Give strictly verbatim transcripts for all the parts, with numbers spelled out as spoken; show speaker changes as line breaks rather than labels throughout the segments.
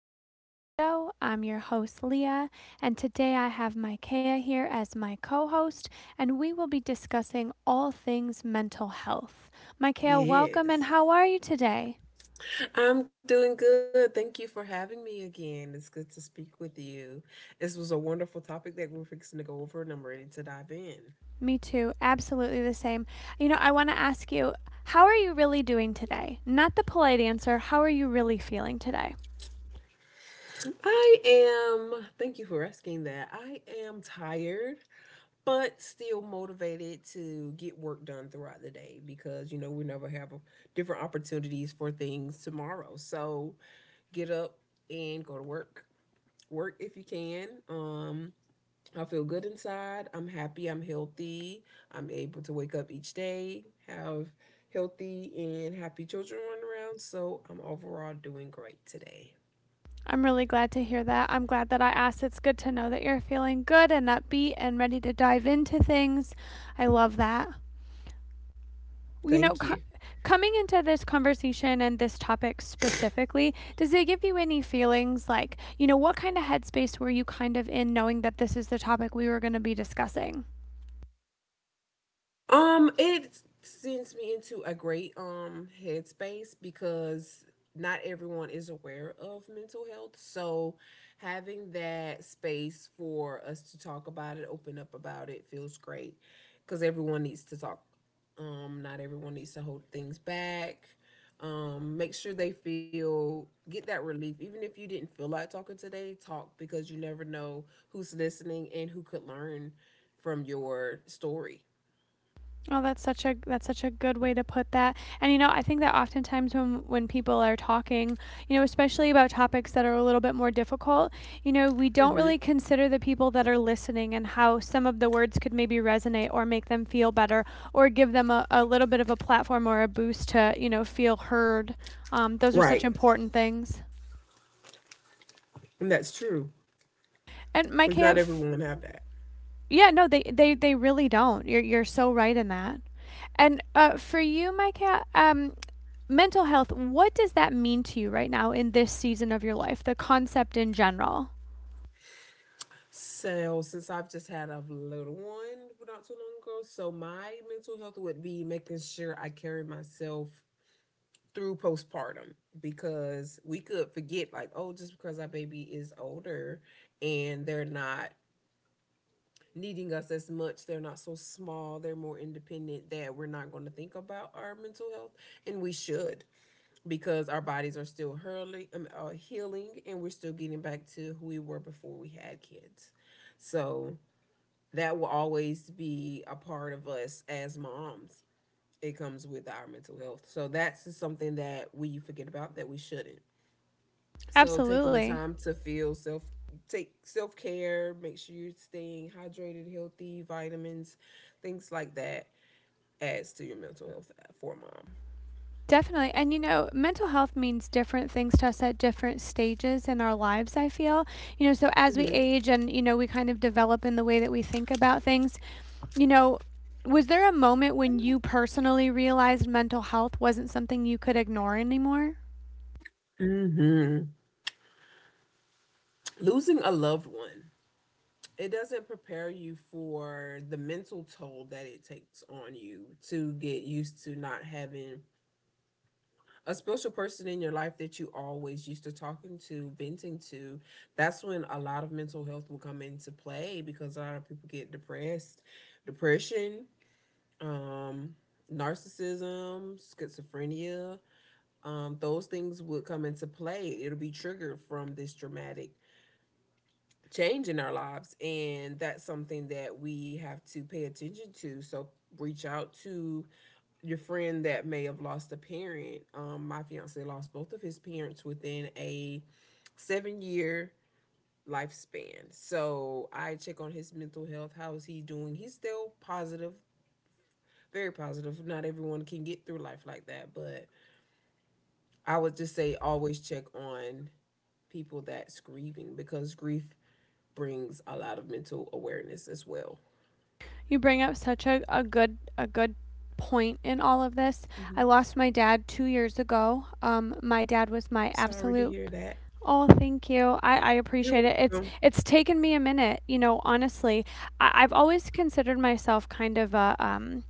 back to our show. I'm your host, Leah, and today I have Micaiah here as my co host, and we will be discussing all things mental health. Micaiah, welcome, and how are
Yes.
you today?
I'm doing good. Thank you for having me again. It's good to speak with you. This was a wonderful topic that we we're fixing to go over, and I'm ready to dive in.
Me too, absolutely the same. You know, I want to ask you, how are you really doing today? Not the polite answer, how are you really feeling today?
I am, thank you for asking that. I am tired, but still motivated to get work done throughout the day because, you know, we never have a- different opportunities for things tomorrow. So get up and go to work. Work if you can. Um, I feel good inside. I'm happy. I'm healthy. I'm able to wake up each day, have healthy and happy children run around. So I'm overall doing great today.
I'm really glad to hear that. I'm glad that I asked. It's good to know that you're feeling good and upbeat and ready to dive into things. I love that. you know,
Thank
co-
you.
Coming into this conversation and this topic specifically, does it give you any feelings like, you know, what kind of headspace were you kind of in knowing that this is the topic we were going to be discussing?
Um, it sends me into a great um headspace because not everyone is aware of mental health. So having that space for us to talk about it, open up about it feels great because everyone needs to talk. Um, not everyone needs to hold things back. Um, make sure they feel get that relief. Even if you didn't feel like talking today, talk because you never know who's listening and who could learn from your story.
Oh, that's such a that's such a good way to put that. And you know, I think that oftentimes when when people are talking, you know, especially about topics that are a little bit more difficult, you know, we don't really consider the people that are listening and how some of the words could maybe resonate or make them feel better or give them a, a little bit of a platform or a boost to, you know, feel heard. Um, those are such
Right.
important things.
And that's true.
And Mike,
Because
I.
not everyone have that.
Yeah, no, they they they really don't. You're you're so right in that. And uh, for you, Micah, um, mental health. What does that mean to you right now in this season of your life? The concept in general.
So since I've just had a little one not too long ago, so my mental health would be making sure I carry myself through postpartum because we could forget like, oh, just because our baby is older and they're not needing us as much, they're not so small, they're more independent that we're not going to think about our mental health and we should because our bodies are still hurling, um, uh, healing and we're still getting back to who we were before we had kids. So that will always be a part of us as moms. It comes with our mental health. So that's just something that we forget about that we shouldn't. So taking the
Absolutely.
time to feel self take self care, make sure you're staying hydrated, healthy, vitamins, things like that adds to your mental health for
Definitely. And you know, mental health means different things to us at different stages in our lives, I feel. You know, so
a
as we
mom.
age and, you know, we kind of develop in the way that we think about things, you know, was there a moment when you personally realized mental health wasn't something you could ignore anymore?
hmm hmm Losing a loved one, it doesn't prepare you for the mental toll that it takes on you to get used to not having a special person in your life that you always used to talking to, venting to. That's when a lot of mental health will come into play because a lot of people get depressed, depression, um, narcissism, schizophrenia. Um, those things would come into play. It'll be triggered from this dramatic change in our lives. And that's something that we have to pay attention to. So reach out to your friend that may have lost a parent. Um, my fiance lost both of his parents within a seven year lifespan. So I check on his mental health. How is he doing? He's still positive, very positive. Not everyone can get through life like that, but I would just say always check on people that's grieving because grief brings a lot of mental awareness as well.
You bring up such a, a good a good point in all of this. I
Mm-hmm.
lost my dad two years ago. Um, my dad was my
Sorry to
absolute.
hear that.
Oh, thank you. I, I
You're
appreciate it. it's
welcome.
it's taken me a minute, you know, honestly. I, I've always considered myself kind of a um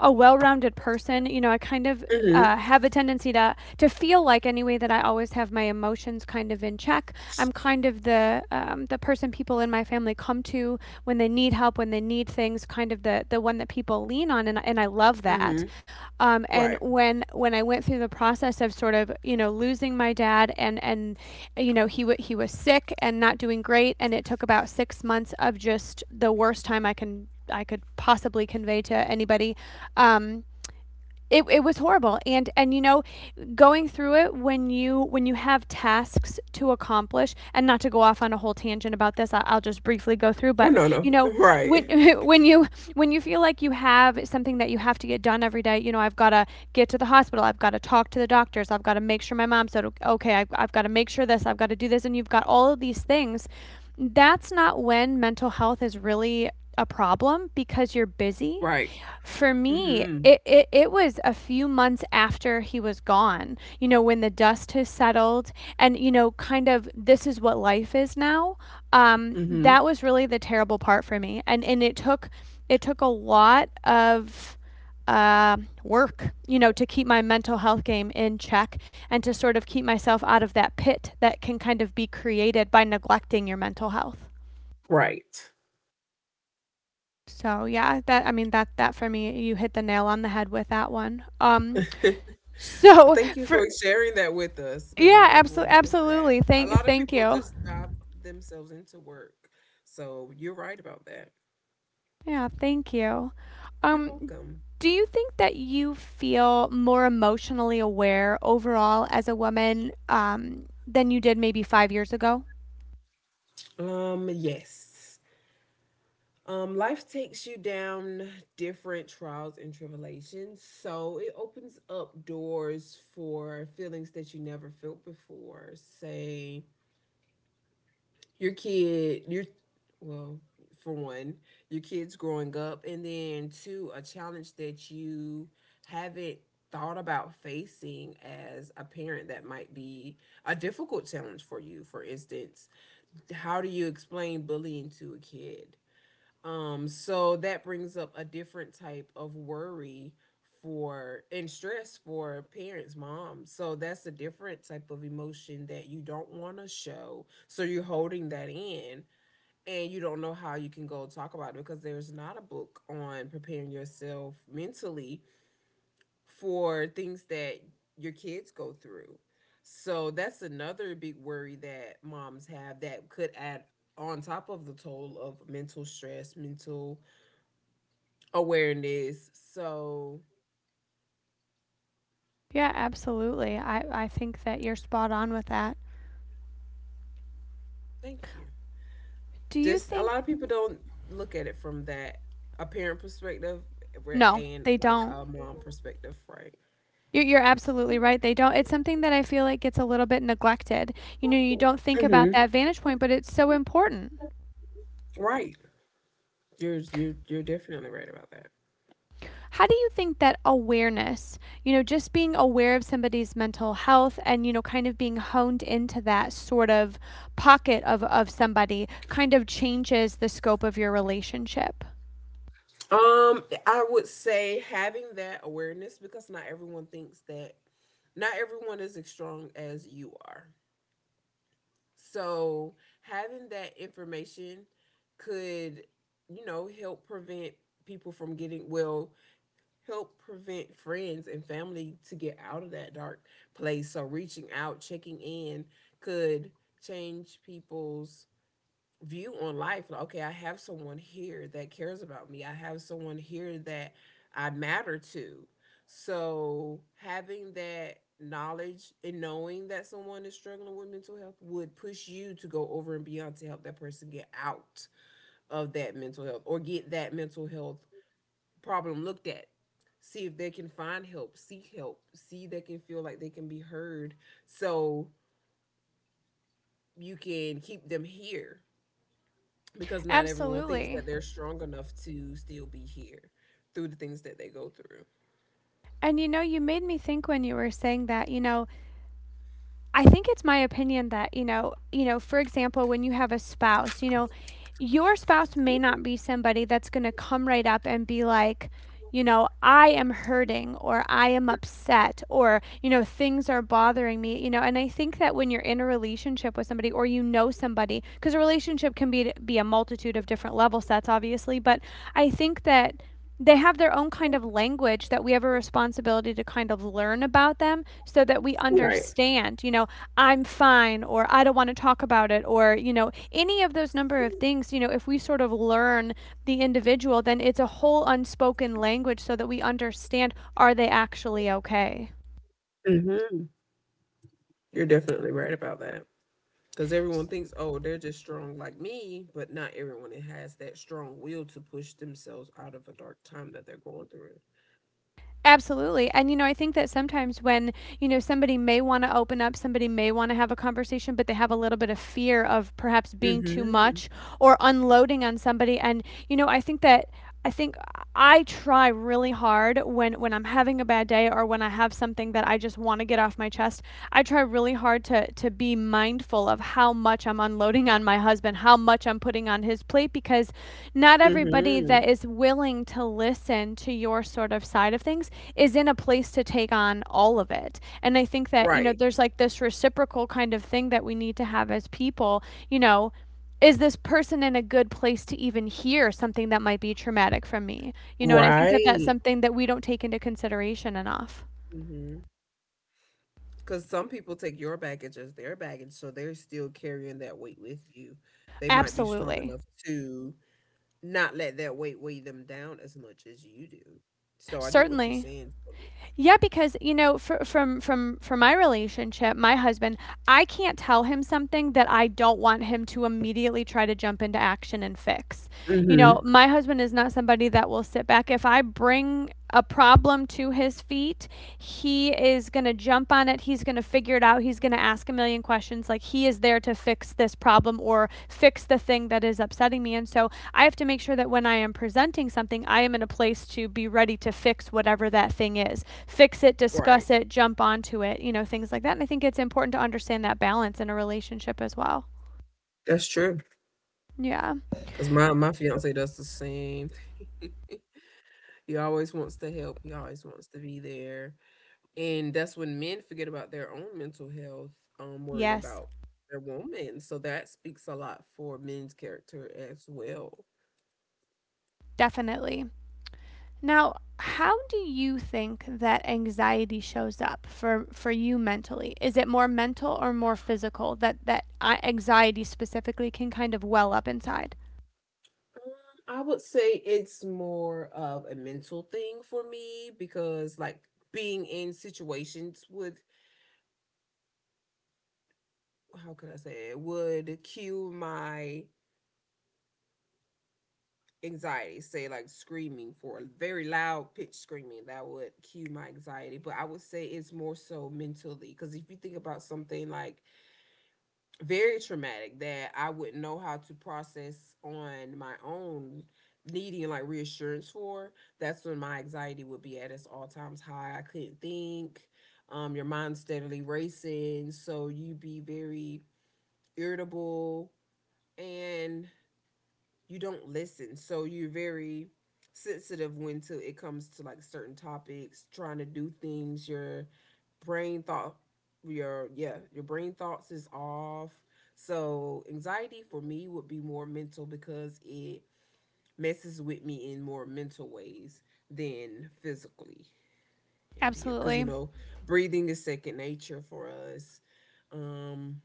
a well-rounded person. You know, I kind of uh,
Mhm.
have a tendency to to feel like anyway that I always have my emotions kind of in check. I'm kind of the um, the person people in my family come to when they need help, when they need things. Kind of the the one that people lean on, and and I love that.
Mhm.
Um, and
Right.
when when I went through the process of sort of, you know, losing my dad, and and you know he w- he was sick and not doing great, and it took about six months of just the worst time I can I could possibly convey to anybody. um it, it was horrible, and and you know, going through it when you when you have tasks to accomplish, and not to go off on a whole tangent about this, I- I'll just briefly go through,
Oh,
but
no, no.
you know
Right.
when, when you when you feel like you have something that you have to get done every day, you know, I've got to get to the hospital, I've got to talk to the doctors, I've got to make sure my mom said o- okay, i've, I've got to make sure this, I've got to do this, and you've got all of these things. That's not when mental health is really a problem because you're busy.
Right.
For me,
Mhm.
it, it, it was a few months after he was gone, you know, when the dust has settled and, you know, kind of this is what life is now. Um,
Mhm.
that was really the terrible part for me. And, and it took, it took a lot of, uh, work, you know, to keep my mental health game in check and to sort of keep myself out of that pit that can kind of be created by neglecting your mental health.
Right.
So yeah, that, I mean, that that for me, you hit the nail on the head with that one. Um, So
Thank you for
for.
sharing that with us because
Yeah,
not everyone
absolutely,
knows that.
absolutely.
A
Thank,
lot of
thank
people
you.
just dive themselves into work. So you're right about that.
Yeah, thank you.
You're
Um,
welcome.
do you think that you feel more emotionally aware overall as a woman, um, than you did maybe five years ago?
Um, yes. Um, life takes you down different trials and tribulations, so it opens up doors for feelings that you never felt before. Say, your kid, your well, for one, your kids growing up, and then two, a challenge that you haven't thought about facing as a parent that might be a difficult challenge for you. For instance, how do you explain bullying to a kid? Um, so that brings up a different type of worry for and stress for parents, moms. So that's a different type of emotion that you don't want to show. So you're holding that in and you don't know how you can go talk about it because there's not a book on preparing yourself mentally for things that your kids go through. So that's another big worry that moms have that could add on top of the toll of mental stress, mental awareness. So
Yeah, absolutely. I, I think that you're spot on with that.
thank you.
Do you
Just a
think?
lot of people don't look at it from that a parent perspective where-
No,
and
they
like
don't.
a mom perspective, right?
You're, you're absolutely right. They don't. It's something that I feel like gets a little bit neglected. You know, you don't think about
hmm
that vantage point, but it's so important.
Right. You're you you're definitely right about that.
How do you think that awareness, you know, just being aware of somebody's mental health and, you know, kind of being honed into that sort of pocket of, of somebody kind of changes the scope of your relationship?
Um, I would say having that awareness because not everyone thinks that not everyone is as strong as you are. So having that information could, you know, help prevent people from getting well, help prevent friends and family to get out of that dark place. So reaching out, checking in could change people's view on life. Like, okay, I have someone here that cares about me. I have someone here that I matter to. So having that knowledge and knowing that someone is struggling with mental health would push you to go over and beyond to help that person get out of that mental health or get that mental health problem looked at, see if they can find help, seek help, see they can feel like they can be heard, so you can keep them here because not everyone thinks that
Absolutely.
they're strong enough to still be here through the things that they go through.
And you know, you made me think when you were saying that, you know, I think it's my opinion that, you know, you know, for example, when you have a spouse, you know, your spouse may not be somebody that's going to come right up and be like, you know, I am hurting or I am upset or, you know, things are bothering me, you know. And I think that when you're in a relationship with somebody or you know somebody, because a relationship can be be a multitude of different level sets obviously, but I think that they have their own kind of language that we have a responsibility to kind of learn about them so that we
Right.
understand, you know, I'm fine or I don't want to talk about it or, you know, any of those number of things, you know, if we sort of learn the individual, then it's a whole unspoken language so that we understand, are they actually okay?
hmm You're definitely right about that because everyone thinks, oh, they're just strong like me, but not everyone has that strong will to push themselves out of a dark time that they're going through.
Absolutely. And, you know, I think that sometimes when, you know, somebody may want to open up, somebody may want to have a conversation, but they have a little bit of fear of perhaps being too
Mm-hmm.
much or unloading on somebody. And, you know, I think that. I think I try really hard when when I'm having a bad day or when I have something that I just want to get off my chest. I try really hard to to be mindful of how much I'm unloading on my husband and how much I'm putting on his plate because not everybody
Mm-hmm.
that is willing to listen to your sort of side of things is in a place to take on all of it. And I think that, you know,
Right.
there's like this reciprocal kind of thing that we need to have as people, you know, is this person in a good place to even hear something that might be traumatic from me? You know, and I think that that's
Right.
something that we don't take into consideration enough.
Cause some people take your baggage as their baggage, so they're still carrying that weight with you. They might be strong
Absolutely.
enough to not let that weight weigh them down as much as you do. So I get what you're
Certainly.
saying.
Yeah, because you know, fr from from from my relationship, my husband, I can't tell him something that I don't want him to immediately try to jump into action and fix. You know,
Mhm.
my husband is not somebody that will sit back. If I bring a problem to his feet, he is going to jump on it. He's going to figure figure out. He's going to ask a million questions. Like, he is there to fix this problem or fix the thing that is upsetting me. And so I have to make sure that when I am presenting something, I am in a place to be ready to fix whatever that thing is. Fix it,
Right.
discuss it, jump onto it, you know, things like that. And I think it's important to understand that balance in a relationship as well.
That's true.
Yeah.
Cause my my fiance does the same. He always wants to help. He always wants to be there. And that's when men forget about their own mental health, um, worrying
Yes,
about their woman. So that speaks a lot for men's character as well.
definitely. Now, how do you think that anxiety shows up for for you mentally? Is it more mental or more physical, that that anxiety specifically can kind of well up inside?
Um, I would say it's more of a mental thing for me because, like, being in situations would, how could I say it, would cue my anxiety. Say, like, screaming for a very loud pitch screaming, that would cue my anxiety. But I would say it's more so mentally because if you think about something like very traumatic that I wouldn't know how to process on my own, needing like reassurance for, that's when my anxiety would be at its all times high. I couldn't think. Um your mind's steadily racing, so you be very irritable and you don't listen. So you're very sensitive when to it comes to like certain topics, trying to do things, your brain thought your yeah, your brain thoughts is off. So anxiety for me would be more mental because it messes with me in more mental ways than physically. If you cuz you
Absolutely.
know, breathing is second nature for us. Um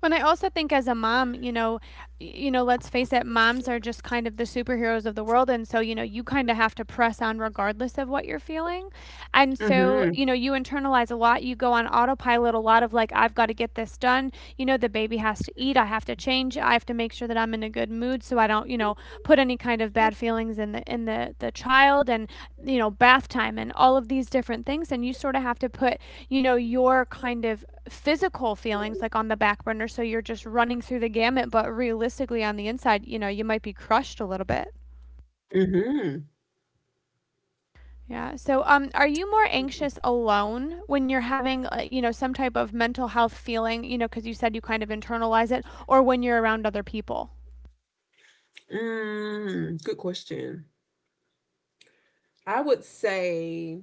When I also think as a mom, you know, you know, let's face it, moms are just kind of the superheroes of the world, and so, you know, you kind of have to press on regardless of what you're feeling. And so,
mhm
you know, you internalize a lot. You go on autopilot a lot of like, I've got to get this done. You know, the baby has to eat. I have to change. I have to make sure that I'm in a good mood so I don't, you know, put any kind of bad feelings in the in the the child, and you know, bath time and all of these different things. And you sort of have to put, you know, your kind of physical feelings like on the back burner. So you're just running through the gamut, but realistically on the inside, you know, you might be crushed a little bit.
mhm
Yeah. So, um, are you more anxious alone when you're having, uh, you know, some type of mental health feeling, you know, because you said you kind of internalize it, or when you're around other people?
mm, good question. I would say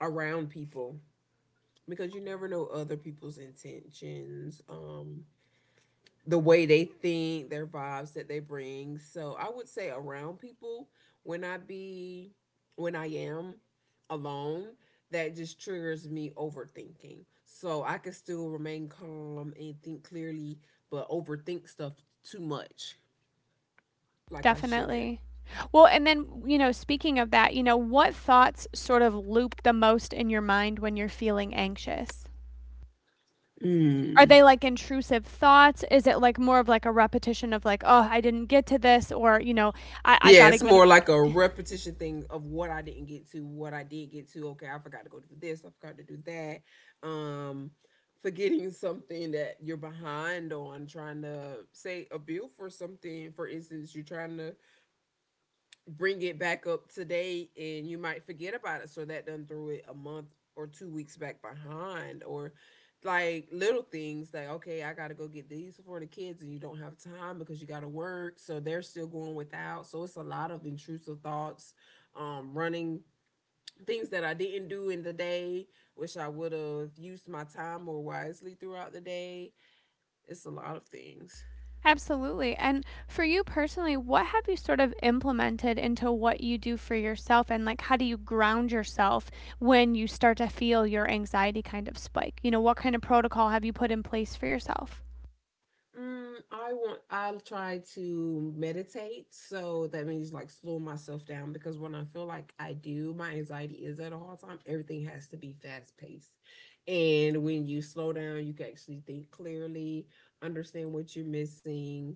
around people because you never know other people's intentions, um, the way they think, their vibes that they bring. So I would say around people. when I be when I am alone, that just triggers me overthinking. So I can still remain calm and think clearly, but overthink stuff too much like I shouldn't.
Definitely. Well, and then, you know, speaking of that, you know, what thoughts sort of loop the most in your mind when you're feeling anxious? Are they
Mm.
like intrusive thoughts? Is it like more of like a repetition of like, oh, I didn't get to this, or, you know, I, I
Yeah,
got to
it's
get.
more like a repetition thing of what I didn't get to, what I did get to. Okay, I forgot to go do this, I forgot to do that. Um, forgetting something that you're behind on, trying to say a bill for something. For instance, you're trying to bring it back up today and you might forget about it. So that done threw it a month or two weeks back behind, or like little things like okay, I gotta go get these for the kids and you don't have time because you gotta work, so they're still going without. So it's a lot of intrusive thoughts, um running things that I didn't do in the day, wish I would have used my time more wisely throughout the day. It's a lot of things.
Absolutely. And for you personally, what have you sort of implemented into what you do for yourself? And like, how do you ground yourself when you start to feel your anxiety kind of spike? You know, what kind of protocol have you put in place for yourself?
Mm, I want, I try to meditate. So that means like slow myself down because when I feel like I do, my anxiety is at all time. Everything has to be fast paced. And when you slow down, you can actually think clearly, understand what you're missing,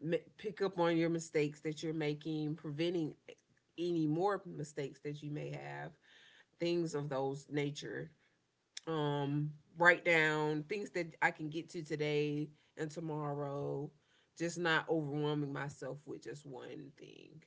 m- pick up on your mistakes that you're making, preventing any more mistakes that you may have, things of those nature. um Write down things that I can get to today and tomorrow, just not overwhelming myself with just one thing.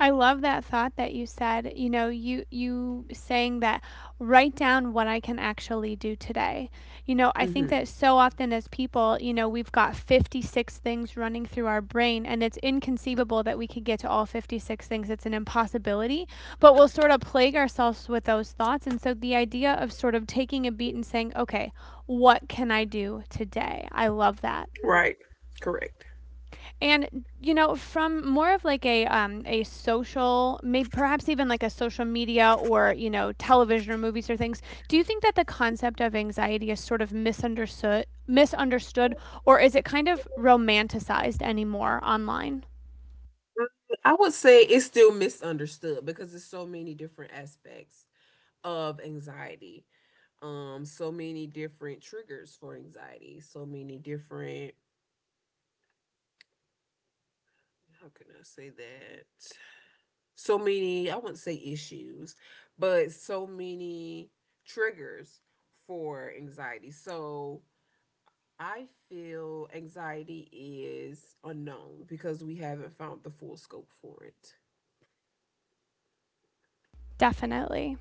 I love that thought that you said, you know, you you saying that write down what I can actually do today. You know, I think
Mm-hmm.
that so often as people, you know, we've got fifty-six things running through our brain and it's inconceivable that we could get to all fifty-six things. It's an impossibility, but we'll sort of plague ourselves with those thoughts. And so the idea of sort of taking a beat and saying, "Okay, what can I do today?" I love that.
Right. Correct.
And you know, from more of like a um, a social, maybe perhaps even like a social media or you know television or movies or things. Do you think that the concept of anxiety is sort of misunderstood, misunderstood, or is it kind of romanticized anymore online?
I would say it's still misunderstood because there's so many different aspects of anxiety. Um, so many different triggers for anxiety, so many different, how can I say that? So many, I wouldn't say issues, but so many triggers for anxiety. So I feel anxiety is unknown because we haven't found the full scope for it.
Definitely.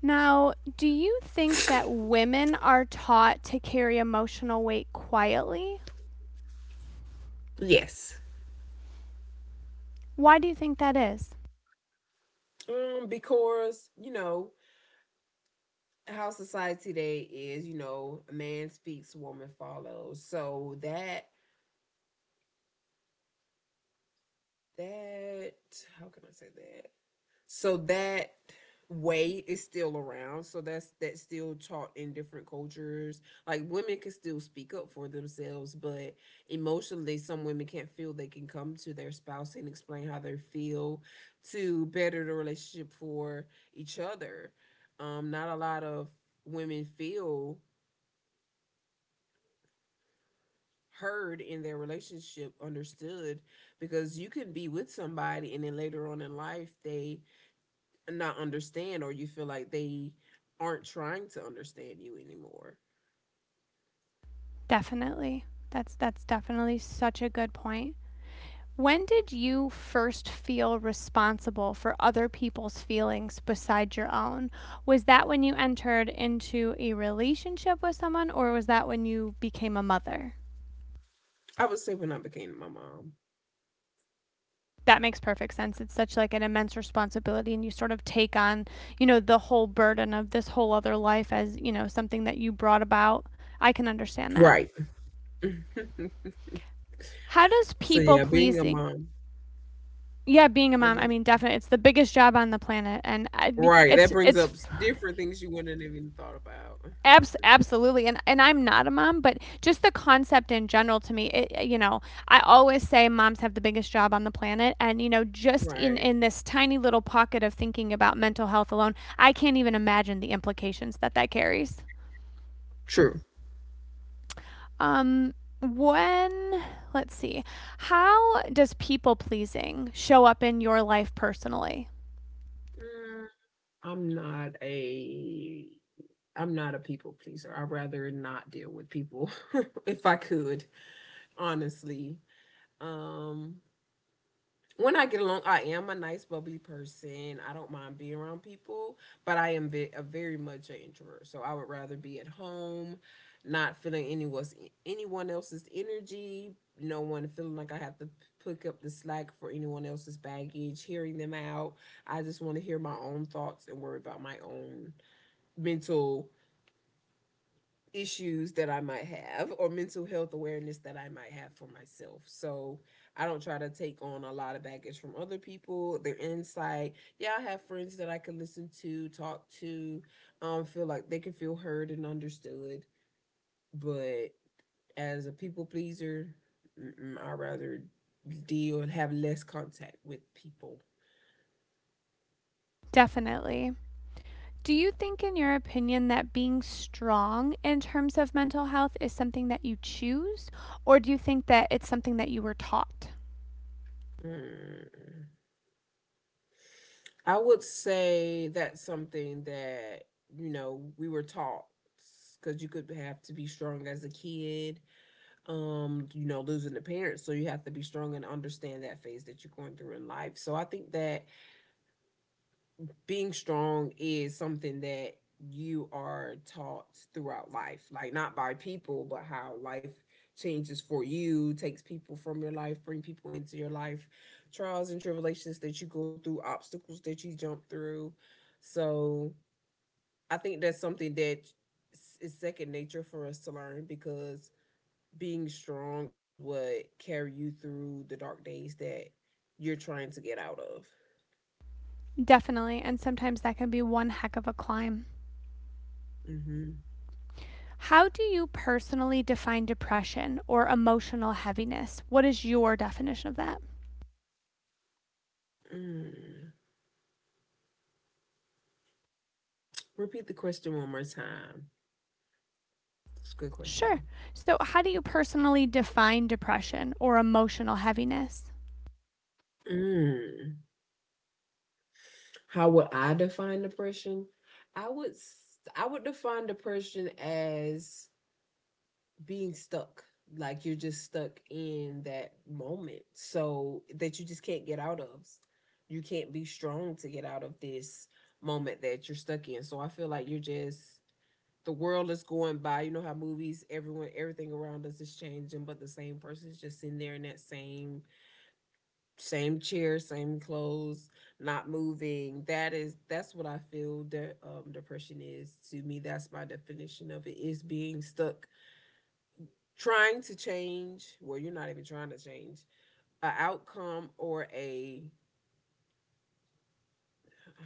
Now, do you think that women are taught to carry emotional weight quietly?
Yes.
Why do you think that is?
Um, because, you know, how society today is, you know, a man speaks, woman follows. So that that how can I say that? So that way is still around. So that's that's still taught in different cultures. Like women can still speak up for themselves, but emotionally some women can't feel they can come to their spouse and explain how they feel to better the relationship for each other. Um not a lot of women feel heard in their relationship, understood, because you can be with somebody and then later on in life they not understand or you feel like they aren't trying to understand you anymore.
Definitely. That's that's definitely such a good point. When did you first feel responsible for other people's feelings besides your own? Was that when you entered into a relationship with someone or was that when you became a mother?
I would say when I became my mom.
That makes perfect sense. It's such like an immense responsibility and you sort of take on, you know, the whole burden of this whole other life as, you know, something that you brought about. I can understand that.
Right.
How does
So
people
yeah, being a
pleasing,
mom.
yeah, being a
Oh
mom,
no,
I
you
mean, definitely, it's the biggest job on the planet, and I,
right. That
it's
brings up
it's
s- different things you wouldn't have even thought about.
Abs- absolutely, and and I'm not a mom but just the concept in general to me it, you know, I always say moms have the biggest job on the planet and you know just in
Right.
in this tiny little pocket of thinking about mental health alone I can't even imagine the implications that that carries.
True.
Um when let's see how does people pleasing show up in your life personally?
Mm, I'm not a I'm not a people pleaser. I'd rather not deal with people if I could, honestly. Um when I get along, I am a nice, bubbly person. I don't mind being around people, but I am ve- a very much an introvert. So I would rather be at home, not feeling anyone's anyone else's energy. No one feeling like I have to pick up the slack for anyone else's baggage, hearing them out. I just want to hear my own thoughts and worry about my own mental issues that I might have or mental health awareness that I might have for myself. So I don't try to take on a lot of baggage from other people, their insight. Yeah, I have friends that I can listen to, talk to, um, feel like they can feel heard and understood. But as a people pleaser, I'd rather deal and have less contact with people.
Definitely. Do you think, in your opinion, that being strong in terms of mental health is something that you choose, or do you think that it's something that you were taught?
Mm. I would say that's something that, you know, we were taught because you could have to be strong as a kid, um, you know, losing the parents. So you have to be strong and understand that phase that you're going through in life. So I think that being strong is something that you are taught throughout life, like not by people but how life changes for you, takes people from your life, bring people into your life, trials and tribulations that you go through, obstacles that you jump through. So I think that's something that is second nature for us to learn, because being strong is what carry you through the dark days that you're trying to get out of.
Definitely, and sometimes that can be one heck of a climb.
Hmm.
How do you personally define depression or emotional heaviness? What is your definition of that?
Repeat the question one more time. It's a good question
Sure.
though.
So, how do you personally define depression or emotional heaviness?
Mm. How would I define depression? I would I would define depression as being stuck. Like you're just stuck in that moment. So that you just can't get out of. You can't be strong to get out of this moment that you're stuck in. So I feel like you're just the world is going by. You know how movies, everyone, everything around us is changing, but the same person's just sitting there in that same same chair, same clothes, not moving. That is that's what I feel that um, depression is to me. That's my definition of it, is being stuck trying to change. Well, you're not even trying to change a outcome or a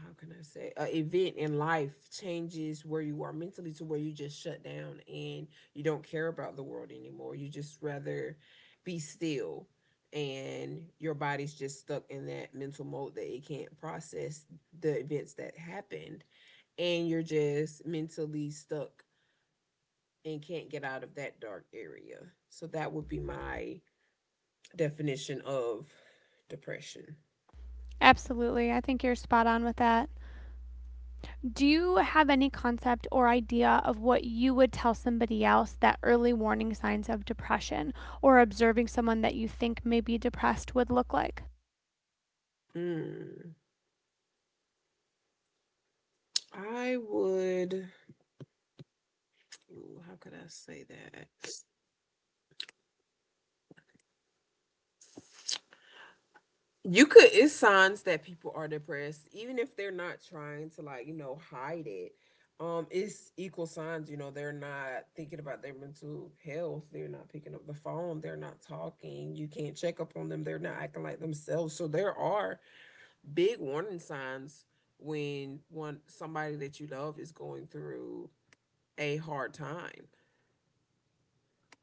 how can I say a event in life changes where you are mentally to where you just shut down, and you don't care about the world anymore. You just rather be still, and your body's just stuck in that mental mode that it can't process the events that happened, and you're just mentally stuck and can't get out of that dark area. So that would be my definition of depression.
Absolutely. I think you're spot on with that. Do you have any concept or idea of what you would tell somebody else that early warning signs of depression or observing someone that you think may be depressed would look like?
Mm, I would Ooh, how could I say that? You could, it's signs that people are depressed, even if they're not trying to, like, you know, hide it. Um, it's equal signs, you know, they're not thinking about their mental health, they're not picking up the phone, they're not talking, you can't check up on them, they're not acting like themselves. So there are big warning signs when one somebody that you love is going through a hard time.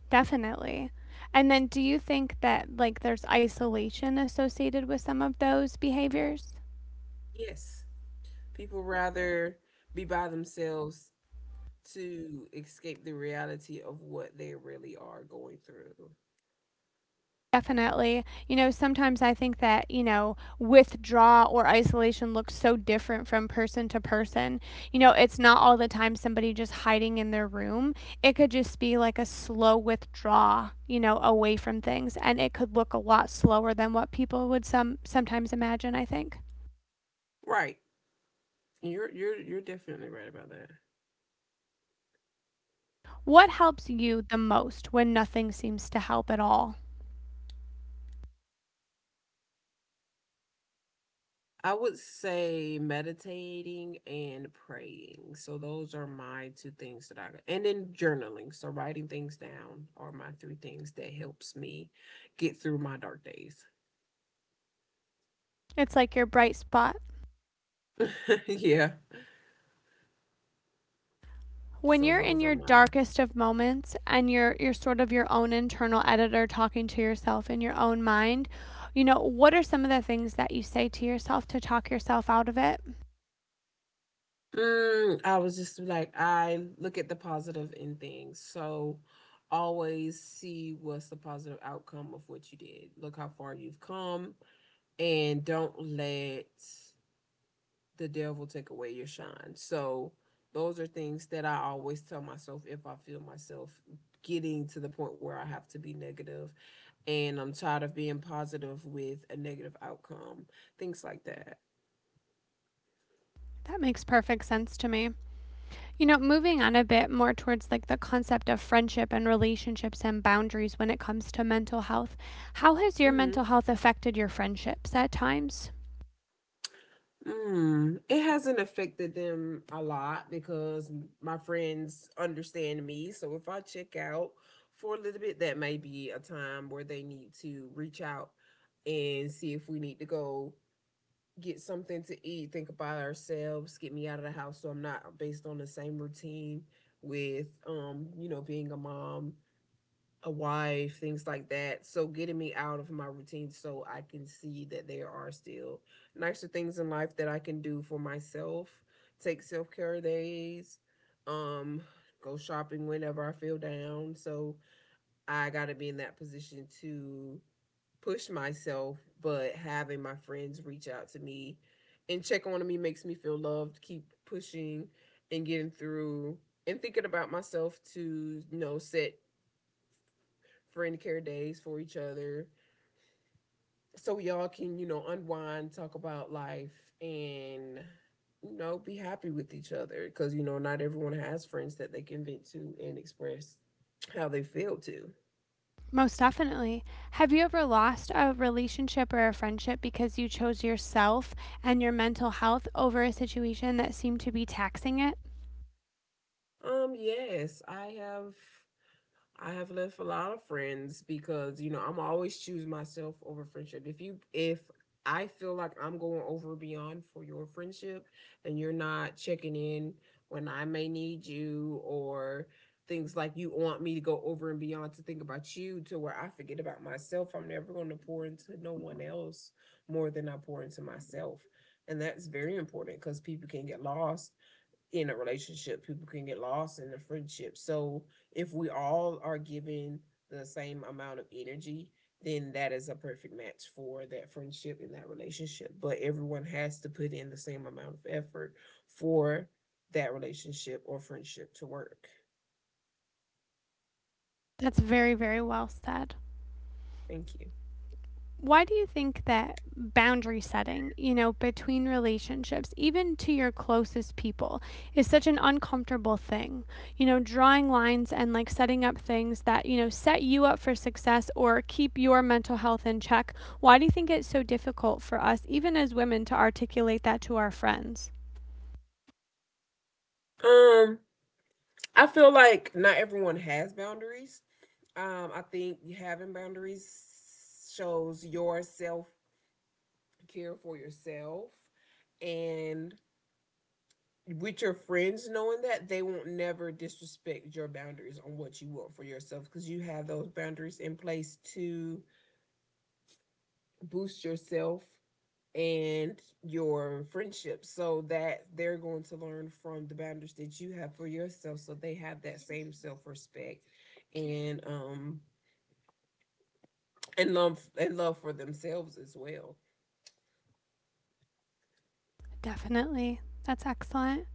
Definitely. And then do you think that like there's isolation associated with some of those behaviors?
Yes, people rather be by themselves to escape the reality of what they really are going through.
Definitely. You know, sometimes I think that, you know, withdrawal or isolation looks so different from person to person. You know, it's not all the time somebody just hiding in their room. It could just be like a slow withdrawal, you know, away from things, and it could look a lot slower than what people would some sometimes imagine, I think.
Right. You're you're you're definitely right about that.
What helps you the most when nothing seems to help at all?
I would say meditating and praying. So those are my two things that I, and then journaling. So writing things down are my three things that helps me get through my dark days.
It's like your bright spot.
Yeah.
When
So
you're in
those are
your
my
darkest of moments and you're you're sort of your own internal editor talking to yourself in your own mind, you know, what are some of the things that you say to yourself to talk yourself out of it?
Mm, I was just like, I look at the positive in things. So always see what's the positive outcome of what you did. Look how far you've come, and don't let the devil take away your shine. So those are things that I always tell myself if I feel myself getting to the point where I have to be negative and I'm tired of being positive with a negative outcome, things like that.
That makes perfect sense to me. You know, moving on a bit more towards like the concept of friendship and relationships and boundaries when it comes to mental health, how has your
Hmm.
mental health affected your friendships at times?
Mm, it hasn't affected them a lot because my friends understand me. So if I check out for a little bit, that may be a time where they need to reach out and see if we need to go get something to eat, think about ourselves, get me out of the house so I'm not based on the same routine with um, you know, being a mom, a wife, things like that. So getting me out of my routine so I can see that there are still nicer things in life that I can do for myself. Take self-care days, um go shopping whenever I feel down. So I got to be in that position to push myself, but having my friends reach out to me and check on me makes me feel loved, keep pushing and getting through and thinking about myself to, you know, set friend care days for each other so we all can, you know, unwind, talk about life, and, you know, be happy with each other because, you know, not everyone has friends that they can vent to and express how they feel to.
Most definitely. Have you ever lost a relationship or a friendship because you chose yourself and your mental health over a situation that seemed to be taxing it?
Um, yes, I have I have left a lot of friends because you know I'm always choose myself over friendship. If you if I feel like I'm going over beyond for your friendship and you're not checking in when I may need you, or things like you want me to go over and beyond to think about you to where I forget about myself, I'm never going to pour into no one else more than I pour into myself. And that's very important because people can get lost in a relationship. People can get lost in a friendship. So if we all are given the same amount of energy, then that is a perfect match for that friendship and that relationship. But everyone has to put in the same amount of effort for that relationship or friendship to work.
That's very, very well said.
Thank you.
Why do you think that boundary setting, you know, between relationships, even to your closest people, is such an uncomfortable thing? You know, drawing lines and like setting up things that, you know, set you up for success or keep your mental health in check. Why do you think it's so difficult for us, even as women, to articulate that to our friends?
Um, I feel like not everyone has boundaries. Um, I think having boundaries shows your self care for yourself, and with your friends knowing that they won't never disrespect your boundaries on what you want for yourself because you have those boundaries in place to boost yourself and your friendship, so that they're going to learn from the boundaries that you have for yourself so they have that same self-respect and um and love, and love for themselves as well.
Definitely. That's excellent.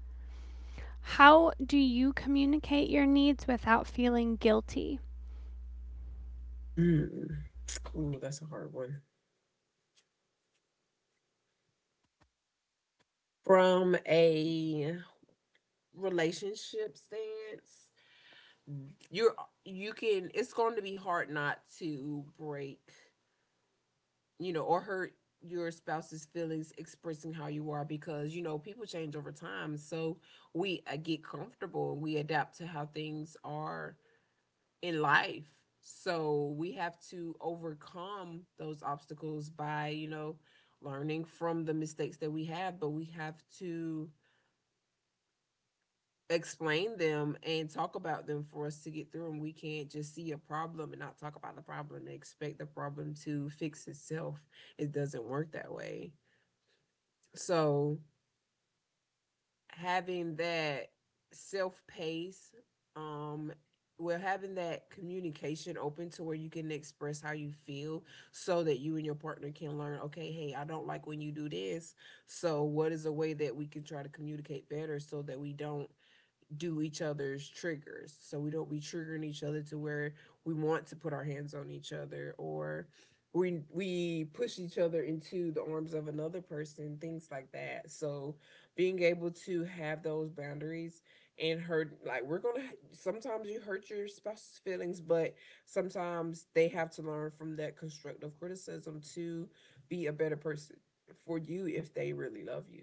How do you communicate your needs without feeling guilty?
Mm. Ooh, that's a hard one. From a relationship stance, you're you can, it's going to be hard not to break, you know, or hurt your spouse's feelings expressing how you are, because you know people change over time. So we uh, get comfortable and we adapt to how things are in life. So we have to overcome those obstacles by, you know, learning from the mistakes that we have, but we have to explain them and talk about them for us to get through them. We can't just see a problem and not talk about the problem and expect the problem to fix itself. It doesn't work that way. So having that self pace um well, having that communication open to where you can express how you feel, so that you and your partner can learn, okay, hey, I don't like when you do this, so what is a way that we can try to communicate better so that we don't do each other's triggers. So we don't be triggering each other to where we want to put our hands on each other, or we we push each other into the arms of another person, things like that. So being able to have those boundaries, and hurt, like we're gonna, sometimes you hurt your spouse's feelings, but sometimes they have to learn from that constructive criticism to be a better person for you if they really love you.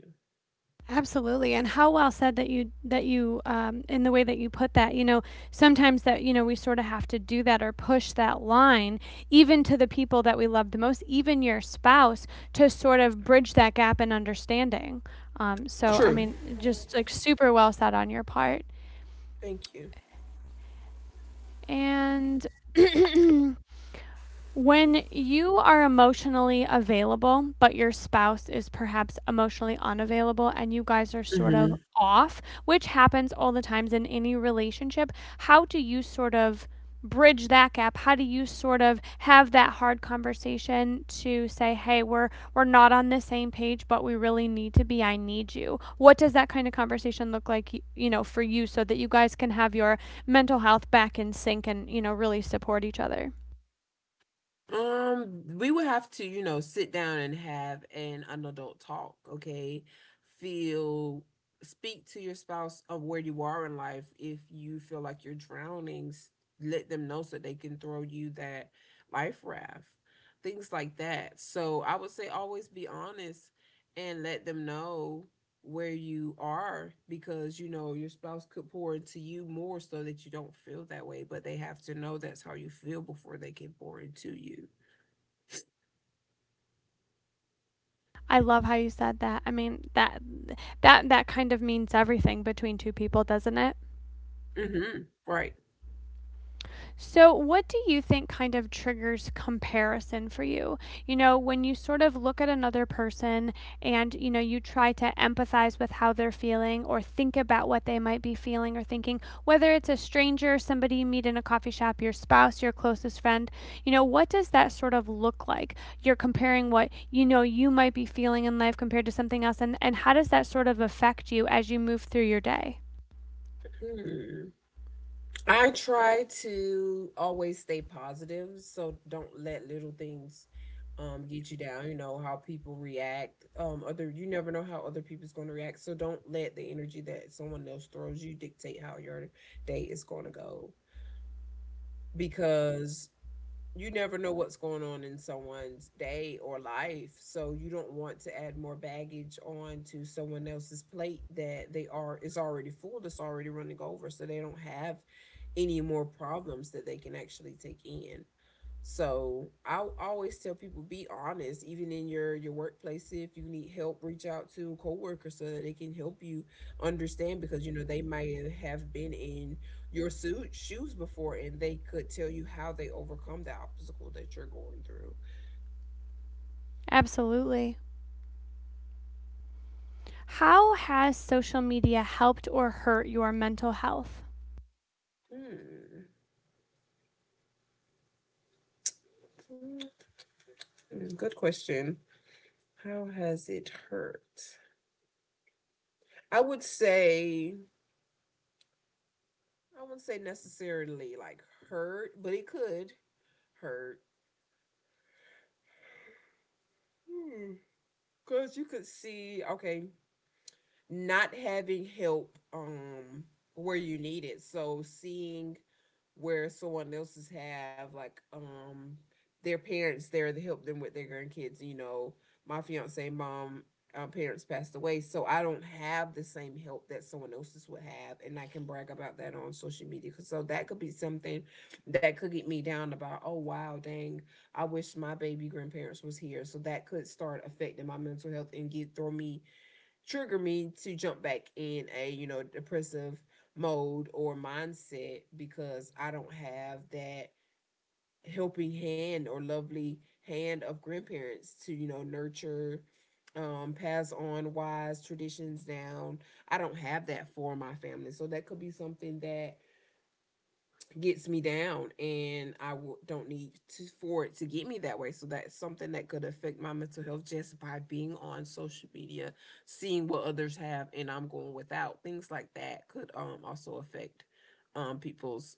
Absolutely, and how well said that you that you um, in the way that you put that. You know, sometimes that you know we sort of have to do that or push that line, even to the people that we love the most, even your spouse, to sort of bridge that gap in understanding. Um, so, I
True.
mean, just like super well said on your part,
Thank you.
and. When you are emotionally available, but your spouse is perhaps emotionally unavailable and you guys are sort of
Mm-hmm.
off, which happens all the times in any relationship, how do you sort of bridge that gap? How do you sort of have that hard conversation to say, "Hey, we're we're not on the same page, but we really need to be. I need you." What does that kind of conversation look like, you know, for you so that you guys can have your mental health back in sync and, you know, really support each other?
Um, we would have to, you know, sit down and have an, an adult talk, okay? Feel, speak to your spouse of where you are in life. If you feel like you're drowning, s- let them know so they can throw you that life raft, things like that. So I would say always be honest and let them know where you are because you know your spouse could pour into you more so that you don't feel that way, but they have to know that's how you feel before they can pour into you.
I love how you said that. I mean, that that that kind of means everything between two people, doesn't it?
Hmm. Right.
So, what do you think kind of triggers comparison for you? You know, when you sort of look at another person and, you know, you try to empathize with how they're feeling or think about what they might be feeling or thinking, whether it's a stranger, somebody you meet in a coffee shop, your spouse, your closest friend, you know, what does that sort of look like? You're comparing what you know you might be feeling in life compared to something else, and, and how does that sort of affect you as you move through your day?
Hmm. I try to always stay positive, so don't let little things um get you down. You know how people react, um other, you never know how other people's going to react, so don't let the energy that someone else throws you dictate how your day is going to go, because you never know what's going on in someone's day or life. So you don't want to add more baggage on to someone else's plate that they are is already full, that's already running over. So they don't have any more problems that they can actually take in. So I always tell people be honest, even in your your workplace. If you need help, reach out to a coworker so that they can help you understand, because you know they might have been in your suit shoes before, and they could tell you how they overcome the obstacle that you're going through.
Absolutely. How has social media helped or hurt your mental health?
Hmm. Hmm. Good question. How has it hurt? I would say I wouldn't say necessarily like hurt, but it could hurt. Hmm. Cause you could see, okay, not having help um where you need it. So seeing where someone else's have like um their parents there to help them with their grandkids, you know, my fiance mom, uh, parents passed away, so I don't have the same help that someone else's would have, and I can brag about that on social media. 'Cause so that could be something that could get me down about, oh wow, dang, I wish my baby grandparents was here. So that could start affecting my mental health and get throw me trigger me to jump back in a, you know, depressive mode or mindset because I don't have that helping hand or lovely hand of grandparents to, you know, nurture, um pass on wise traditions down. I don't have that for my family, so that could be something that gets me down, and I w- don't need to, for it to get me that way. So that's something that could affect my mental health just by being on social media, seeing what others have and I'm going without. Things like that could um also affect um people's,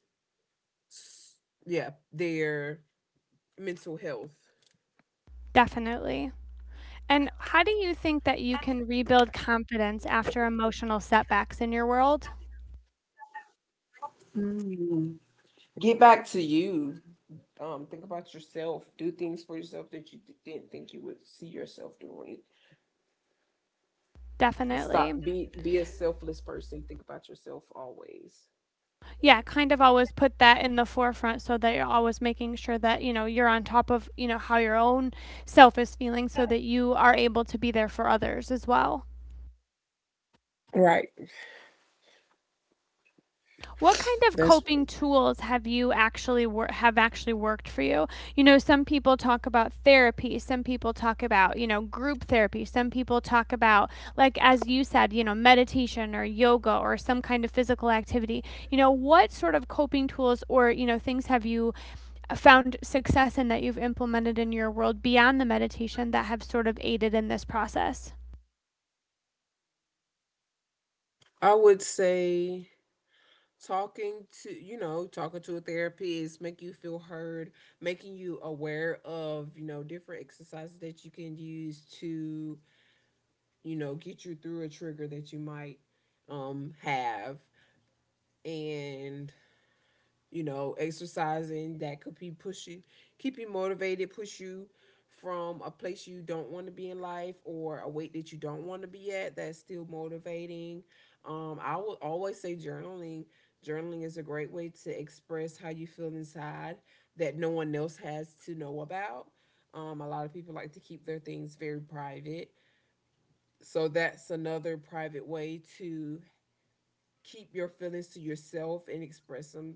yeah, their mental health.
Definitely. And how do you think that you can rebuild confidence after emotional setbacks in your world?
Mm. Get back to you. Um think about yourself, do things for yourself that you didn't think you would see yourself doing. And stop
Definitely.
be be a selfless person. Think about yourself always.
Yeah, kind of always put that in the forefront so that you're always making sure that, you know, you're on top of, you know, how your own self is feeling so that you are able to be there for others as well.
Right.
What kind of
That's
coping
right.
tools have you actually wor- have actually worked for you? You know, some people talk about therapy, some people talk about, you know, group therapy, some people talk about like as you said, you know, meditation or yoga or some kind of physical activity. You know, what sort of coping tools or, you know, things have you found success in that you've implemented in your world beyond the meditation that have sort of aided in this process?
I would say talking to, you know, talking to a therapist, make you feel heard, making you aware of, you know, different exercises that you can use to, you know, get you through a trigger that you might um have. And, you know, exercising that could be pushing, keep you motivated, push you from a place you don't want to be in life or a weight that you don't want to be at that's still motivating. Um, I would always say journaling. Journaling is a great way to express how you feel inside that no one else has to know about. Um, a lot of people like to keep their things very private. So that's another private way to keep your feelings to yourself and express them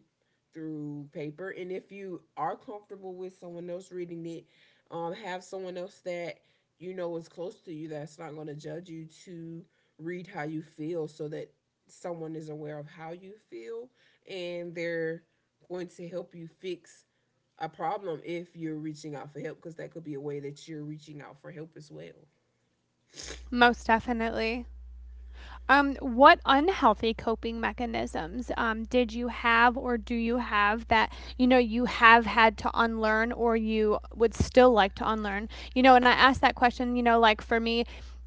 through paper. And if you are comfortable with someone else reading it, um, have someone else that you know is close to you, that's not going to judge you, to read how you feel so that someone is aware of how you feel, and they're going to help you fix a problem if you're reaching out for help, because that could be a way that you're reaching out for help as well.
Most definitely. Um, what unhealthy coping mechanisms um, did you have or do you have that you know you have had to unlearn or you would still like to unlearn? You know, and I asked that question. You know, like for me,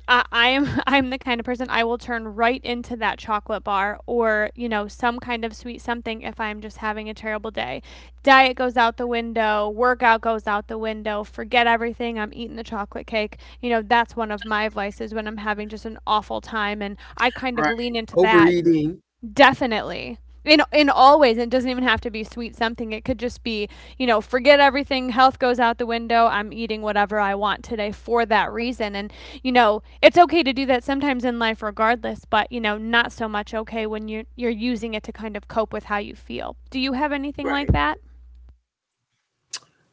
I, I am I'm the kind of person I will turn right into to that chocolate bar or, you know, some kind of sweet something if I'm just having a terrible day. Diet goes out the window, workout goes out the window, forget everything, I'm eating the chocolate cake. You know, that's one of my vices when I'm having just an awful time and I kind of
Right.
lean into that.
Overeating.
Definitely. In in all ways, it doesn't even have to be sweet something. It could just be, you know, forget everything, health goes out the window. I'm eating whatever I want today for that reason. And, you know, it's okay to do that sometimes in life regardless, but, you know, not so much okay when you're you're using it to kind of cope with how you feel. Do you have anything like
Right.
that?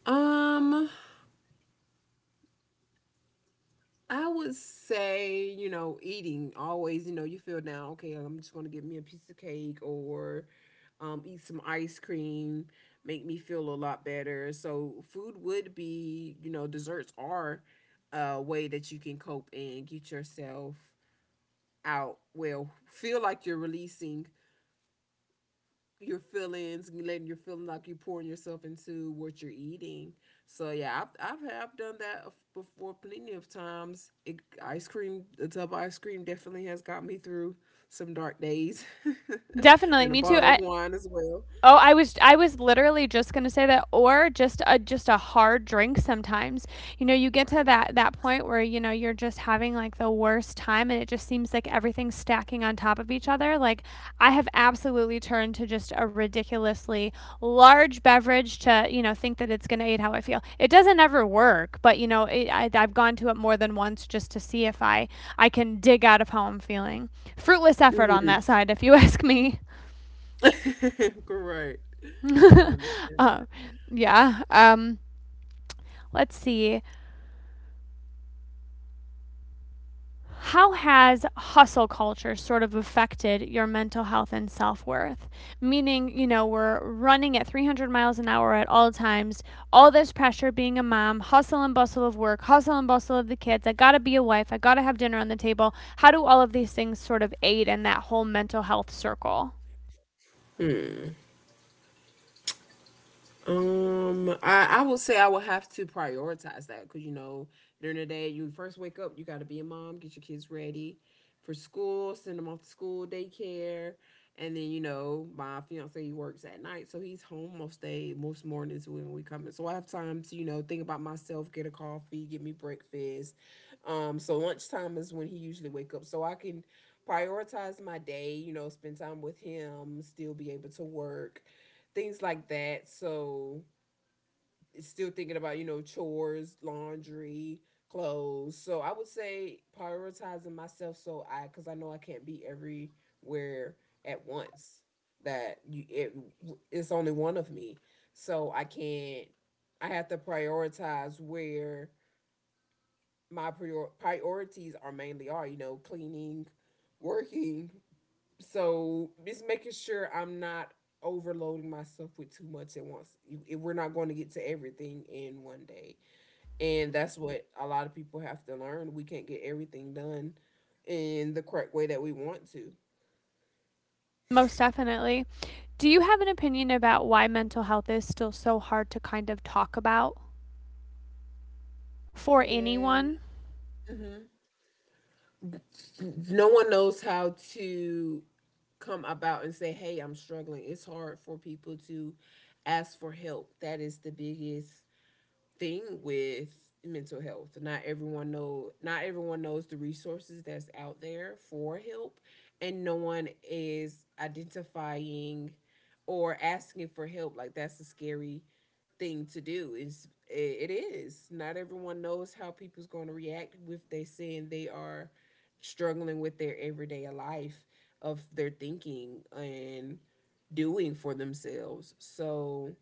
Um, I would say, you know, eating always, you know, you feel down, okay, I'm just going to give me a piece of cake, or um, eat some ice cream, make me feel a lot better. So, food would be, you know, desserts are a way that you can cope and get yourself out, well, feel like you're releasing your feelings, letting your feeling like you're pouring yourself into what you're eating. So yeah, I've I've, I've done that before plenty of times. It, ice cream, a tub of ice cream, definitely has got me through some dark days,
Definitely,
and a
me too.
bottle of
I,
wine as well.
Oh, I was I was literally just gonna say that, or just a just a hard drink. Sometimes, you know, you get to
Right.
that that point where you know you're just having like the worst time, and it just seems like everything's stacking on top of each other. Like I have absolutely turned to just a ridiculously large beverage to you know think that it's gonna aid how I feel. It doesn't ever work, but you know it, I, I've gone to it more than once just to see if I I can dig out of how I'm feeling. Fruitless effort on
Hmm.
that side, if you ask me.
Correct. I understand.
Uh, yeah. Um, let's see. How has hustle culture sort of affected your mental health and self worth? Meaning, you know, we're running at three hundred miles an hour at all times, all this pressure being a mom, hustle and bustle of work, hustle and bustle of the kids. I got to be a wife. I got to have dinner on the table. How do all of these things sort of aid in that whole mental health circle?
Um, I I would say I would have to prioritize that, because you know during the day you first wake up you got to be a mom, get your kids ready for school, send them off to school, daycare, and then you know my fiance he works at night, so he's home most day most mornings when we come in. So I have time to, you know, think about myself, get a coffee, get me breakfast. Um, so lunchtime is when he usually wake up, so I can prioritize my day. You know, spend time with him, still be able to work, things like that. So it's still thinking about, you know, chores, laundry, clothes. So I would say prioritizing myself so I, because I know I can't be everywhere at once. That you, it, it's only one of me. So I can't, I have to prioritize where my prior, priorities are mainly are, you know, cleaning, working, so just making sure I'm not overloading myself with too much at once. You- if we're not going to get to everything in one day. And that's what a lot of people have to learn. We can't get everything done in the correct way that we want to.
Most definitely. Do you have an opinion about why mental health is still so hard to kind of talk about for
Yeah.
anyone?
Mhm. No one knows how to come about and say, hey, I'm struggling. It's hard for people to ask for help. That is the biggest thing with mental health. Not everyone know not everyone knows the resources that's out there for help, and no one is identifying or asking for help. Like that's a scary thing to do. It's it is. Not everyone knows how people's going to react if they saying they are struggling with their everyday life of their thinking and doing for themselves. So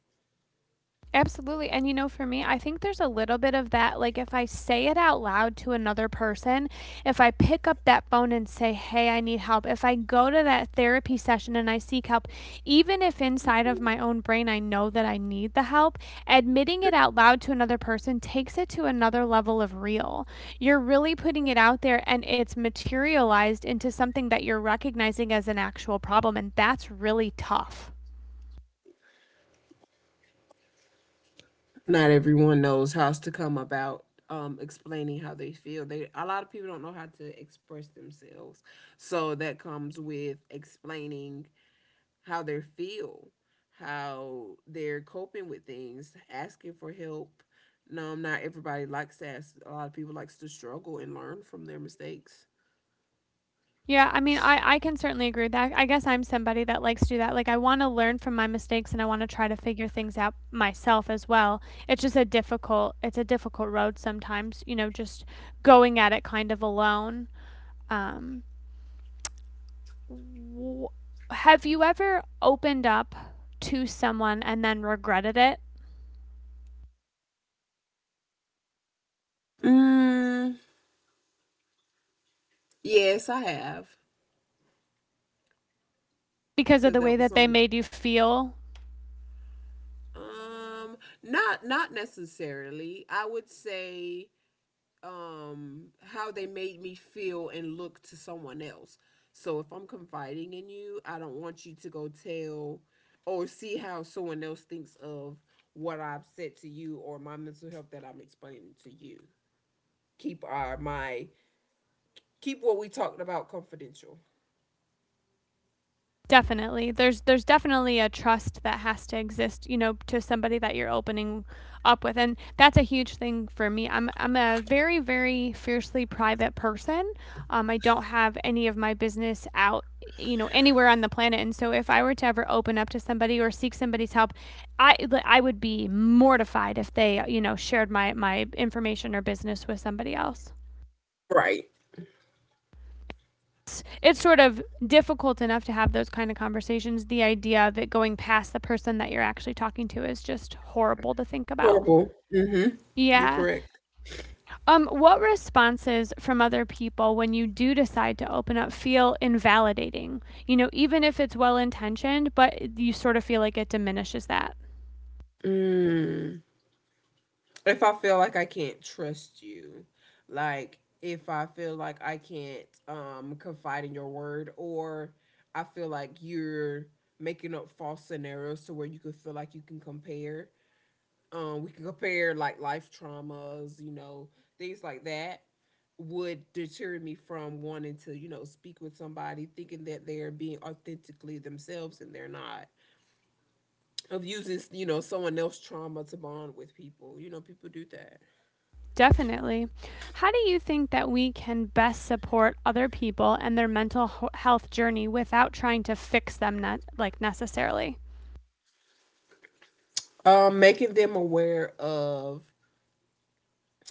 Absolutely. And you know, for me, I think there's a little bit of that. Like, if I say it out loud to another person, if I pick up that phone and say, hey, I need help, if I go to that therapy session and I seek help, even if inside of my own brain I know that I need the help, admitting it out loud to another person takes it to another level of real. You're really putting it out there and it's materialized into something that you're recognizing as an actual problem. And that's really tough.
not everyone knows how to come about um explaining how they feel. They A lot of people don't know how to express themselves, so that comes with explaining how they feel, how they're coping with things, asking for help. no um, Not everybody likes to ask. A lot of people likes to struggle and learn from their mistakes.
Yeah, I mean, I, I can certainly agree with that. I guess I'm somebody that likes to do that. Like, I want to learn from my mistakes and I want to try to figure things out myself as well. It's just a difficult, it's a difficult road sometimes, you know, just going at it kind of alone. Um, w- have you ever opened up to someone and then regretted it
Mm, yes I have.
because of
Because
the
that
way
was
that they
some,
made you feel?
um not not necessarily, I would say, um how they made me feel and look to someone else. So if I'm confiding in you, I don't want you to go tell or see how someone else thinks of what I've said to you or my mental health that I'm explaining to you. Keep our my keep what we talked about confidential.
Definitely. There's there's definitely a trust that has to exist, you know, to somebody that you're opening up with. And that's a huge thing for me. I'm I'm a very very fiercely private person. Um I don't have any of my business out, you know, anywhere on the planet. And so if I were to ever open up to somebody or seek somebody's help, I like, I would be mortified if they, you know, shared my my information or business with somebody else.
Right.
it's it's sort of difficult enough to have those kind of conversations. The idea of it going past the person that you're actually talking to is just horrible to think about.
Horrible. Mm-hmm. You're
Yeah.
correct.
Um what responses from other people when you do decide to open up feel invalidating? You know, even if it's well-intentioned, but you sort of feel like it diminishes that.
Mm. If I feel like I can't trust you, like if I feel like I can't, um, confide in your word, or I feel like you're making up false scenarios to where you could feel like you can compare. Um, we can compare like life traumas, you know, things like that would deter me from wanting to, you know, speak with somebody thinking that they're being authentically themselves and they're not. Of using, you know, someone else's trauma to bond with people. You know, people do that.
Definitely. How do you think that we can best support other people and their mental health journey without trying to fix them not like necessarily?
Um, making them aware of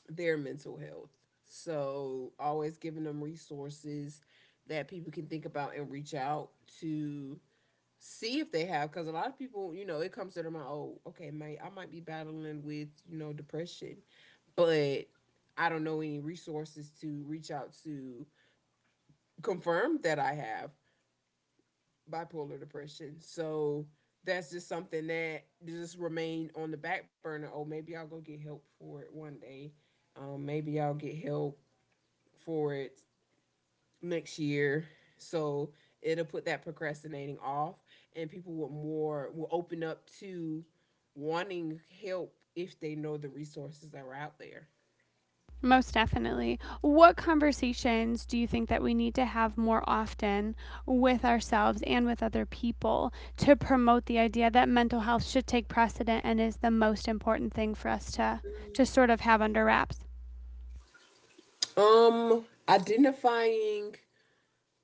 their mental health. So always giving them resources that people can think about and reach out to, see if they have, because a lot of people, you know, it comes to their mind, oh, okay, mate, I might be battling with, you know, depression, but I don't know any resources to reach out to confirm that I have bipolar depression. So that's just something that just remained on the back burner. Oh, maybe I'll go get help for it one day. Um, maybe I'll get help for it next year. So it'll put that procrastinating off, and people will more will open up to wanting help if they know the resources that are out there.
Most definitely. What conversations do you think that we need to have more often with ourselves and with other people to promote the idea that mental health should take precedent and is the most important thing for us to to sort of have under wraps?
Um, identifying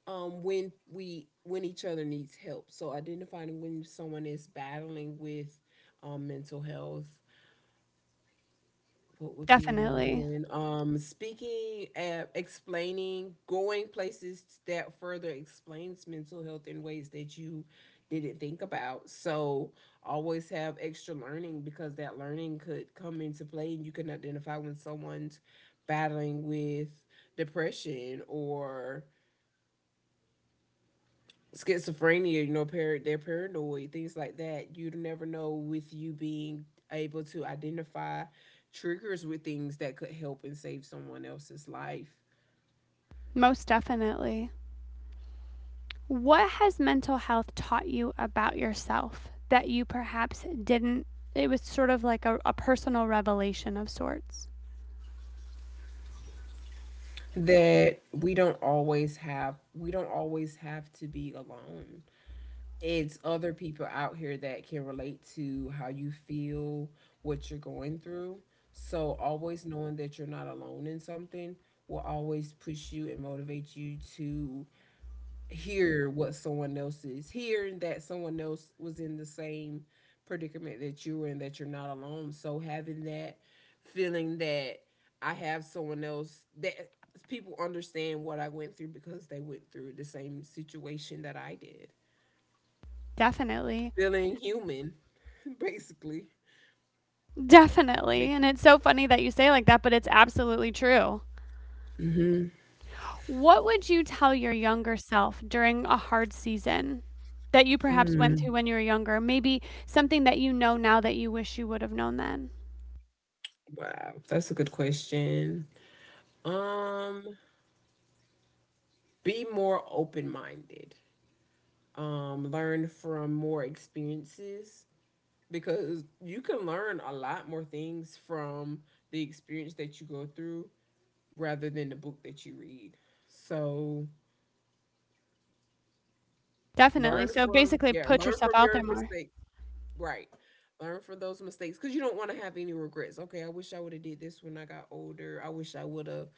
um when we when each other needs help. So identifying when someone is battling with um mental health. What would be another
Definitely.
one? Um speaking, uh, explaining, going places that further explains mental health in ways that you didn't think about. So always have extra learning, because that learning could come into play and you can identify when someone's battling with depression or schizophrenia. You know, par- they're paranoid, things like that. You'd never know, with you being able to identify triggers with things that could help and save someone else's life.
Most definitely. What has mental health taught you about yourself that you perhaps didn't it was sort of like a, a personal revelation of sorts?
That we don't always have, we don't always have to be alone. It's other people out here that can relate to how you feel, what you're going through. So always knowing that you're not alone in something will always push you and motivate you to hear what someone else is hearing, that someone else was in the same predicament that you were in, that you're not alone. So having that feeling that I have someone else, that people understand what I went through because they went through the same situation that I did,
Definitely.
feeling human basically.
Definitely.
Bec-
And it's so funny that you say it like that, but it's absolutely true.
Mhm.
What would you tell your younger self during a hard season that you perhaps went
Mm.
through when you were younger? Maybe something that you know now that you wish you would have known then?
Wow, that's a good question. um be more open-minded. um learn from more experiences, because you can learn a lot more things from the experience that you go through rather than the book that you read. So
Definitely.
learn
So
from
basically,
yeah,
put
learn
yourself
from
out there
your
more.
mistakes. Right. Learn from those mistakes, because you don't want to have any regrets. Okay, I wish I would have did this when I got older. I wish I would have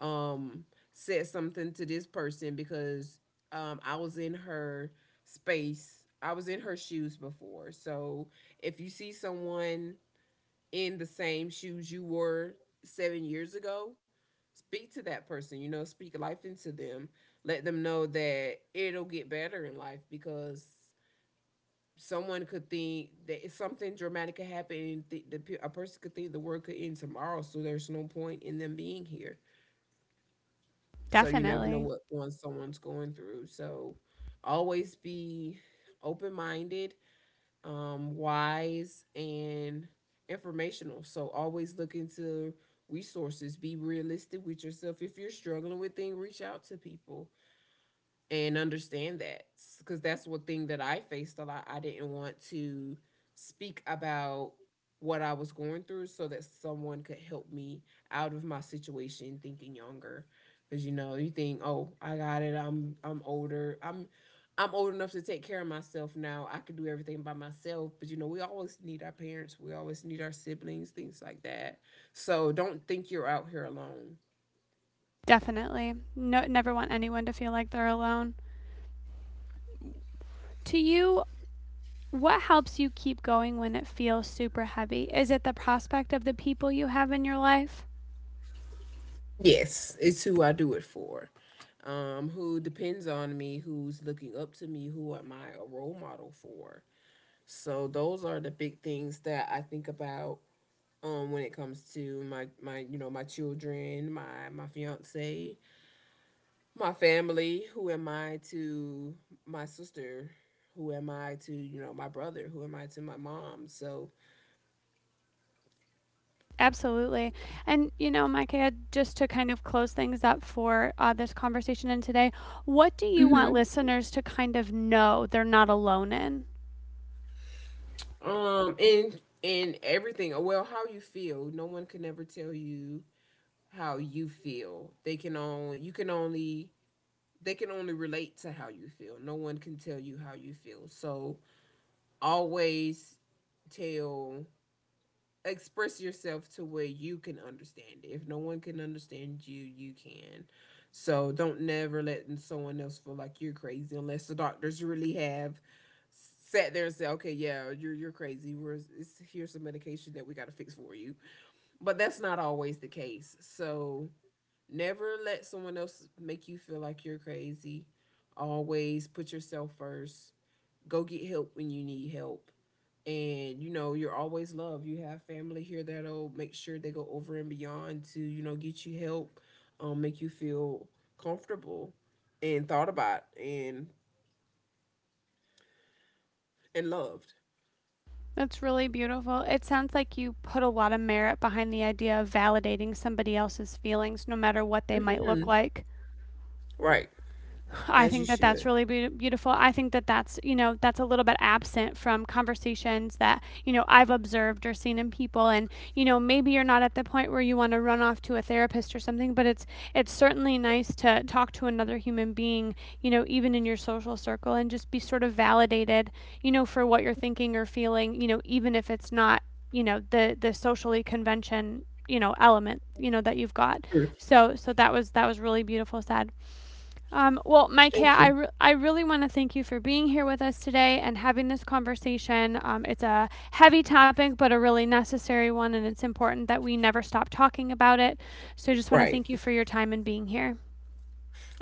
um said something to this person, because um I was in her space. I was in her shoes before. So if you see someone in the same shoes you wore seven years ago, speak to that person, you know, speak life into them. Let them know that it'll get better in life, because someone could think that something dramatic could happen, and th- the, a person could think the world could end tomorrow, so there's no point in them being here. So you never know
Definitely.
what one someone's going through. So always be open minded um, wise, and informational. So always look into resources. Be realistic with yourself. If you're struggling with things, reach out to people and understand that, because that's one thing that I faced a lot. I didn't want to speak about what I was going through so that someone could help me out of my situation, thinking younger. Cause you know, you think, oh, I got it. I'm I'm older. I'm I'm old enough to take care of myself now. I could do everything by myself. But you know, we always need our parents. We always need our siblings, things like that. So don't think you're out here alone.
Definitely. No, never want anyone to feel like they're alone. To you, what helps you keep going when it feels super heavy? Is it the prospect of the people you have in your life?
Yes, it's who I do it for. Um, who depends on me, who's looking up to me, who am I a role model for? So those are the big things that I think about um when it comes to my my you know, my children, my my fiance, my family. Who am I to my sister, who am I to, you know, my brother, who am I to my mom? So
Absolutely. And, you know, Micah, just to kind of close things up for uh, this conversation and today, what do you want
hmm,
listeners to kind of know they're not alone in?
um, and and everything. Well, how you feel, no one can ever tell you how you feel. They can only you can only they can only relate to how you feel. No one can tell you how you feel. So always tell express yourself to where you can understand it. If no one can understand you, you can. So don't never let someone else feel like you're crazy, unless the doctors really have sat there and said, "Okay, yeah, you're you're crazy. We're it's, here's some medication that we got to fix for you." But that's not always the case. So never let someone else make you feel like you're crazy. Always put yourself first. Go get help when you need help. And you know, you're always loved. You have family here that'll make sure they go over and beyond to, you know, get you help, um, make you feel comfortable and thought about, and and loved.
That's really beautiful. It sounds like you put a lot of merit behind the idea of validating somebody else's feelings, no matter what they might look
Hmm.
like.
Right.
I
As you
think that that's
should.
really be- beautiful. I think that that's, you know, that's a little bit absent from conversations that, you know, I've observed or seen in people and, you know, maybe you're not at the point where you want to run off to a therapist or something, but it's it's certainly nice to talk to another human being, you know, even in your social circle and just be sort of validated, you know, for what you're thinking or feeling, you know, even if it's not, you know, the the socially convention you know element you know that you've got
Sure.
so so that was that was really beautiful Sad. Um, well, Micah,
Thank
I,
you.
re- I really want to thank you for being here with us today and having this conversation. Um, it's a heavy topic, but a really necessary one, and it's important that we never stop talking about it. So I just want to
Right.
thank you for your time and being here.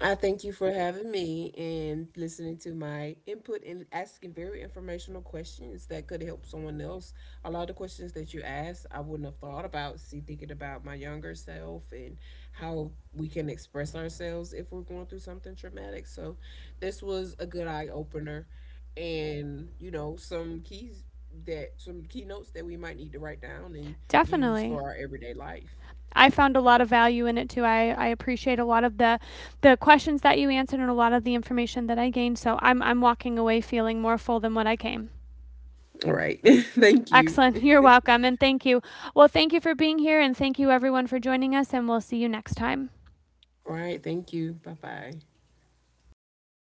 I thank you for having me and listening to my input and asking very informational questions that could help someone else. A lot of the questions that you asked, I wouldn't have thought about. See, thinking about my younger self and how we can express ourselves if we're going through something traumatic. So this was a good eye opener, and you know, some keys that some keynotes that we might need to write down and use
Definitely.
for our everyday life.
I found a lot of value in it too. I, I appreciate a lot of the the questions that you answered and a lot of the information that I gained. So I'm I'm walking away feeling more full than what I came.
All right, thank you.
Excellent. You're welcome and thank you. Well, thank you for being here and thank you everyone for joining us and we'll see you next time.
All right, thank you. Bye bye.